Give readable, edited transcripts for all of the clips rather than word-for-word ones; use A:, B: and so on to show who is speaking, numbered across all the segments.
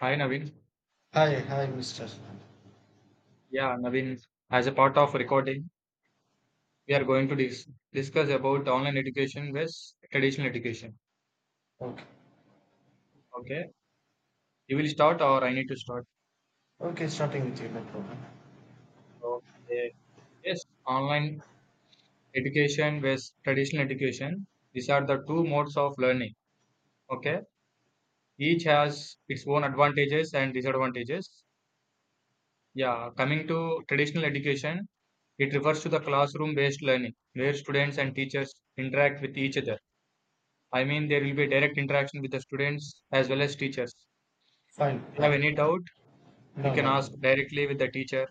A: Hi Naveen.
B: Hi, hi, Mr. Fan.
A: Yeah, Naveen, as a part of recording, we are going to discuss about online education versus traditional education.
B: Okay,
A: Okay. You will start or I need to start?
B: okay, starting with you, no problem.
A: Okay. Yes, online education versus traditional education. These are the two modes of learning. Okay. Each has its own advantages and disadvantages. Yeah, coming to traditional education, it refers to the classroom-based learning where students and teachers interact with each other. I mean, there will be direct interaction with the students as well as teachers.
B: Fine,
A: If you have
B: fine.
A: any doubt, you
B: No,
A: can
B: no.
A: ask directly with the teacher,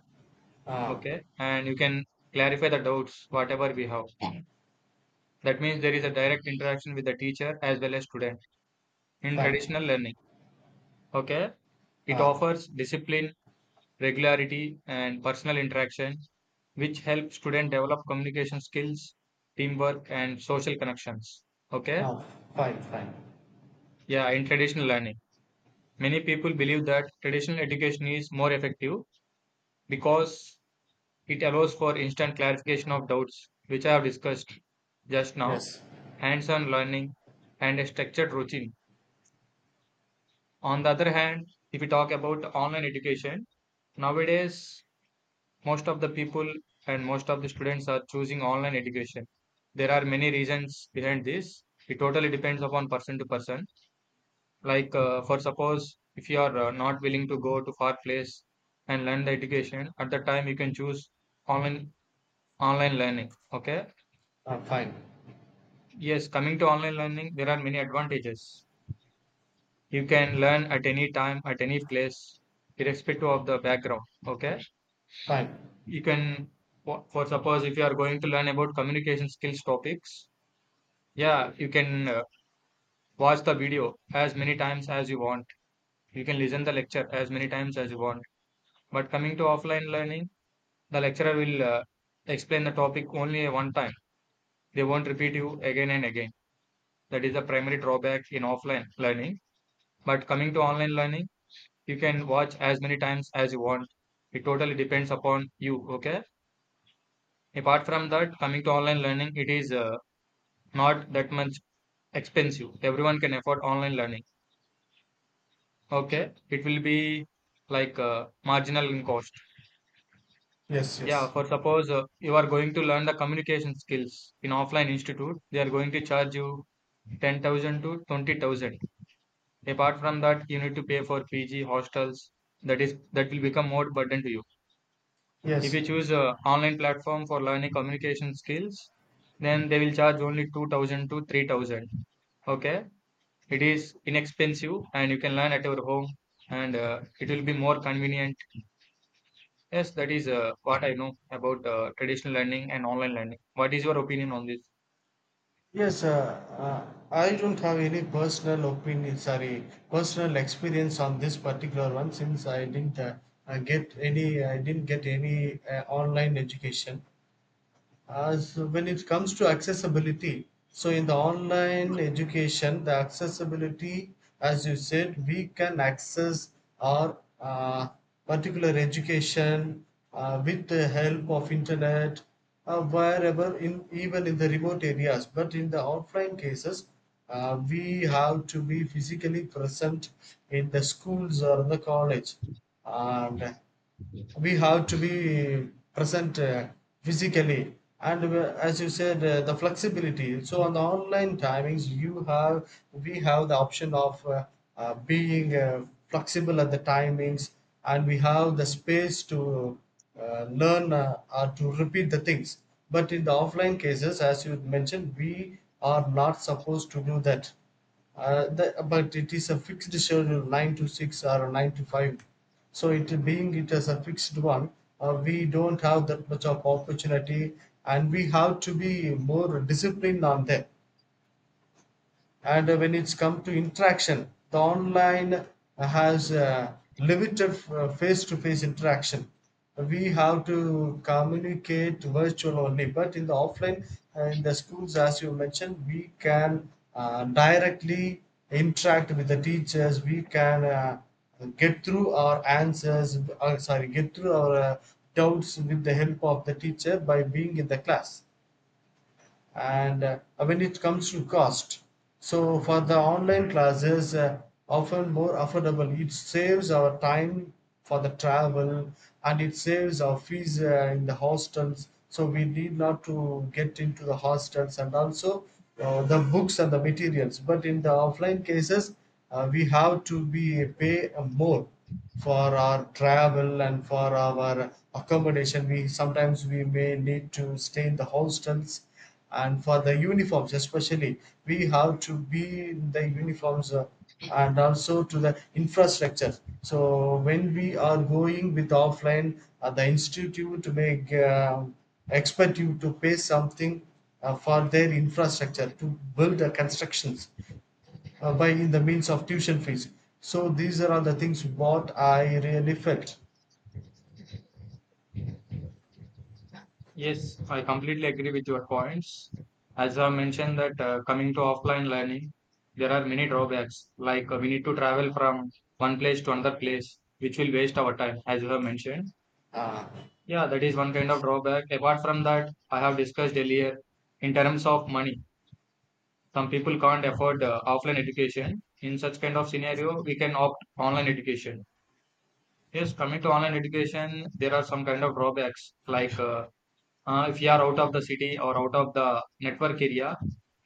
B: Ah,
A: okay? And you can clarify the doubts, whatever we have. That means there is a direct interaction with the teacher as well as student in
B: fine.
A: traditional learning, okay? It
B: Ah,
A: offers discipline, regularity, and personal interaction, which help student develop communication skills, teamwork, and social connections, okay?
B: ah, fine, fine.
A: Yeah, in traditional learning. Many people believe that traditional education is more effective because it allows for instant clarification of doubts, which I have discussed just now,
B: Yes.
A: hands on learning, and a structured routine. On the other hand, if we talk about online education, nowadays most of the people and most of the students are choosing online education. There are many reasons behind this. It totally depends upon person to person. Like, for suppose if you are not willing to go to far place and learn the education, at that time you can choose online online learning. Okay.
B: Fine,
A: Yes, coming to online learning, there are many advantages. You can learn at any time, at any place, irrespective of the background. Okay.
B: fine.
A: You can, for suppose, if you are going to learn about communication skills topics, yeah, you can watch the video as many times as you want. You can listen the lecture as many times as you want. But coming to offline learning, the lecturer will explain the topic only one time. They won't repeat you again and again. That is the primary drawback in offline learning. But coming to online learning, you can watch as many times as you want. It totally depends upon you, okay? Apart from that, coming to online learning, it is not that much expensive. Everyone can afford online learning, okay? It will be like marginal in cost.
B: Yes,
A: Yeah,
B: yes,
A: for suppose, you are going to learn the communication skills in offline institute, they are going to charge you 10,000 to 20,000. Apart from that, you need to pay for pg hostels. That will become more burden to you. If
B: yes,
A: you choose a online platform for learning communication skills, then they will charge only 2000 to 3000. Okay. It is inexpensive and you can learn at your home, and it will be more convenient. Yes, that is what I know about traditional learning and online learning. What is your opinion on this?
B: yes. Uh, I don't have any personal opinion. Sorry, personal experience on this particular one since I didn't get any. I didn't get any online education. As when it comes to accessibility, so in the online education, the accessibility, as you said, we can access our particular education with the help of internet, wherever, in even in the remote areas. But in the offline cases, we have to be physically present in the schools or the college, and we have to be present physically. And as you said, the flexibility, so on the online timings, you have, we have the option of being flexible at the timings, and we have the space to learn, or to repeat the things. But in the offline cases, as you mentioned, we are not supposed to do that. But it is a fixed schedule, 9 to 6 or 9 to 5. So, it is a fixed one, we don't have that much of opportunity, and we have to be more disciplined on them. And when it's come to interaction, the online has limited face to face interaction. We have to communicate virtual only, but in the offline, in the schools, as you mentioned, we can directly interact with the teachers. We can get through our answers, sorry, get through our doubts with the help of the teacher by being in the class. And when it comes to cost, so for the online classes, often more affordable, it saves our time for the travel, and it saves our fees in the hostels, so we need not to get into the hostels, and also the books and the materials. But in the offline cases, we have to be pay more for our travel and for our accommodation. We sometimes we may need to stay in the hostels, and for the uniforms especially, we have to be in the uniforms, and also to the infrastructure. So when we are going with offline, the institute may uh, expect you to pay something for their infrastructure to build the constructions, by in the means of tuition fees. So these are all the things what I really felt.
A: Yes, I completely agree with your points. As I mentioned that coming to offline learning, there are many drawbacks. Like we need to travel from one place to another place, which will waste our time, as you have mentioned.
B: Ah,
A: Yeah, that is one kind of drawback. Apart from that, I have discussed earlier in terms of money. Some people can't afford offline education. In such kind of scenario, we can opt online education. Yes, coming to online education, there are some kind of drawbacks. Like if you are out of the city or out of the network area,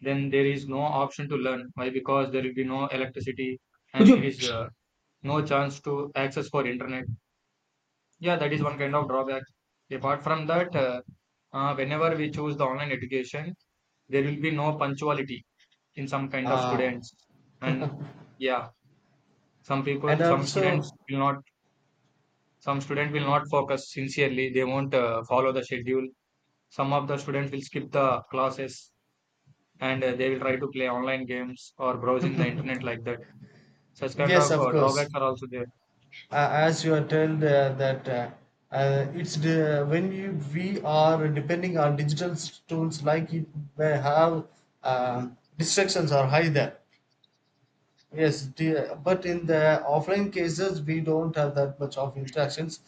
A: then there is no option to learn. Why? Because there will be no electricity. Could and there you is no chance to access for internet. Yeah, that is one kind of drawback. Apart from that, whenever we choose the online education, there will be no punctuality in some kind of
B: uh,
A: students. And yeah, some
B: and
A: people, some students
B: also,
A: will not, some student will not focus sincerely. They won't follow the schedule. Some of the students will skip the classes and they will try to play online games or browsing the internet like that. Such kind
B: yes,
A: of
B: of course,
A: drawbacks are also there.
B: as you are told, that it's the, when you, we are depending on digital tools, like it may have, uh, distractions are high there. Yes, dear. But in the offline cases, we don't have that much of interactions.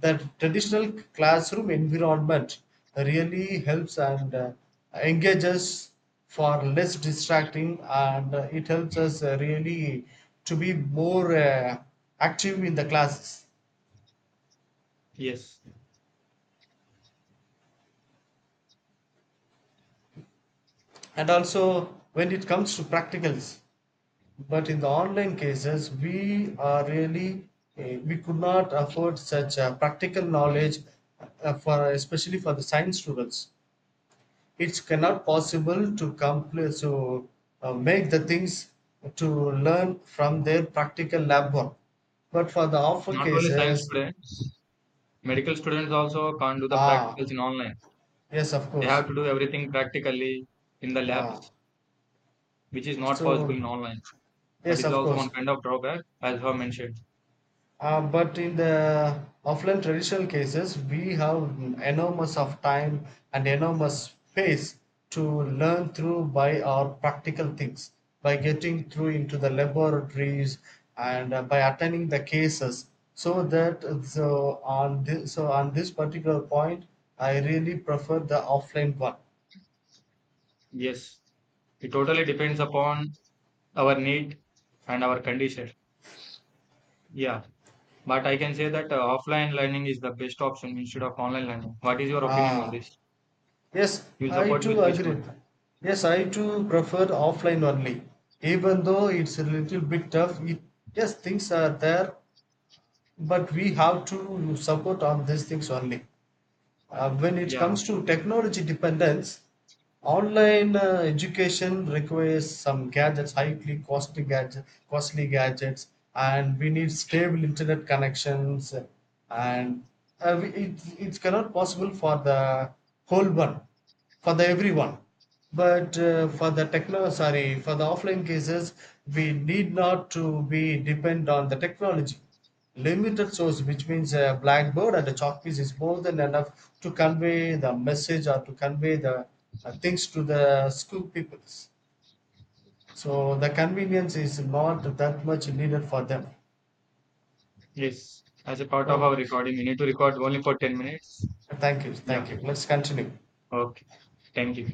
B: That traditional classroom environment really helps and engages for less distracting, and it helps us really to be more active in the classes.
A: Yes.
B: And also, when it comes to practicals, but in the online cases, we are really, we could not afford such practical knowledge for, especially for the science students. It's cannot possible to complete to make the things to learn from their practical lab work. But for the offer
A: Not only science
B: cases,
A: students, medical students also can't do the practicals
B: ah,
A: in online.
B: yes, of
A: They
B: course.
A: have to do everything practically in the
B: Ah,
A: labs, which is not possible
B: so
A: in online. That
B: yes,
A: is
B: of
A: also
B: course.
A: one kind of drawback, as I mentioned.
B: But in the offline traditional cases, we have enormous of time and enormous space to learn through by our practical things, by getting through into the laboratories, and by attending the cases. So that, so on this, so on this particular point, I really prefer the offline one.
A: Yes, it totally depends upon our need and our condition. Yeah, but I can say that offline learning is the best option instead of online learning. What is your opinion on
B: Ah,
A: this?
B: Yes,
A: You will
B: I
A: support
B: too
A: with which
B: agree.
A: one?
B: Yes, I too prefer offline only. Even though it's a little bit tough, it, yes, things are there, but we have to support on these things only. When it
A: Yeah,
B: comes to technology dependence, online education requires some gadgets, highly costly gadgets, and we need stable internet connections, and it, it cannot possible for the whole one, for the everyone. But for the techno, sorry, for the offline cases, we need not to be depend on the technology. Limited source, which means a blackboard and a chalk piece, is more than enough to convey the message or to convey the things to the school pupils. So the convenience is not that much needed for them.
A: yes. As a part of our
B: Okay.
A: recording, we need to record only for 10 minutes.
B: Thank you.
A: Yeah,
B: Thank you. Let's continue.
A: okay. Thank you.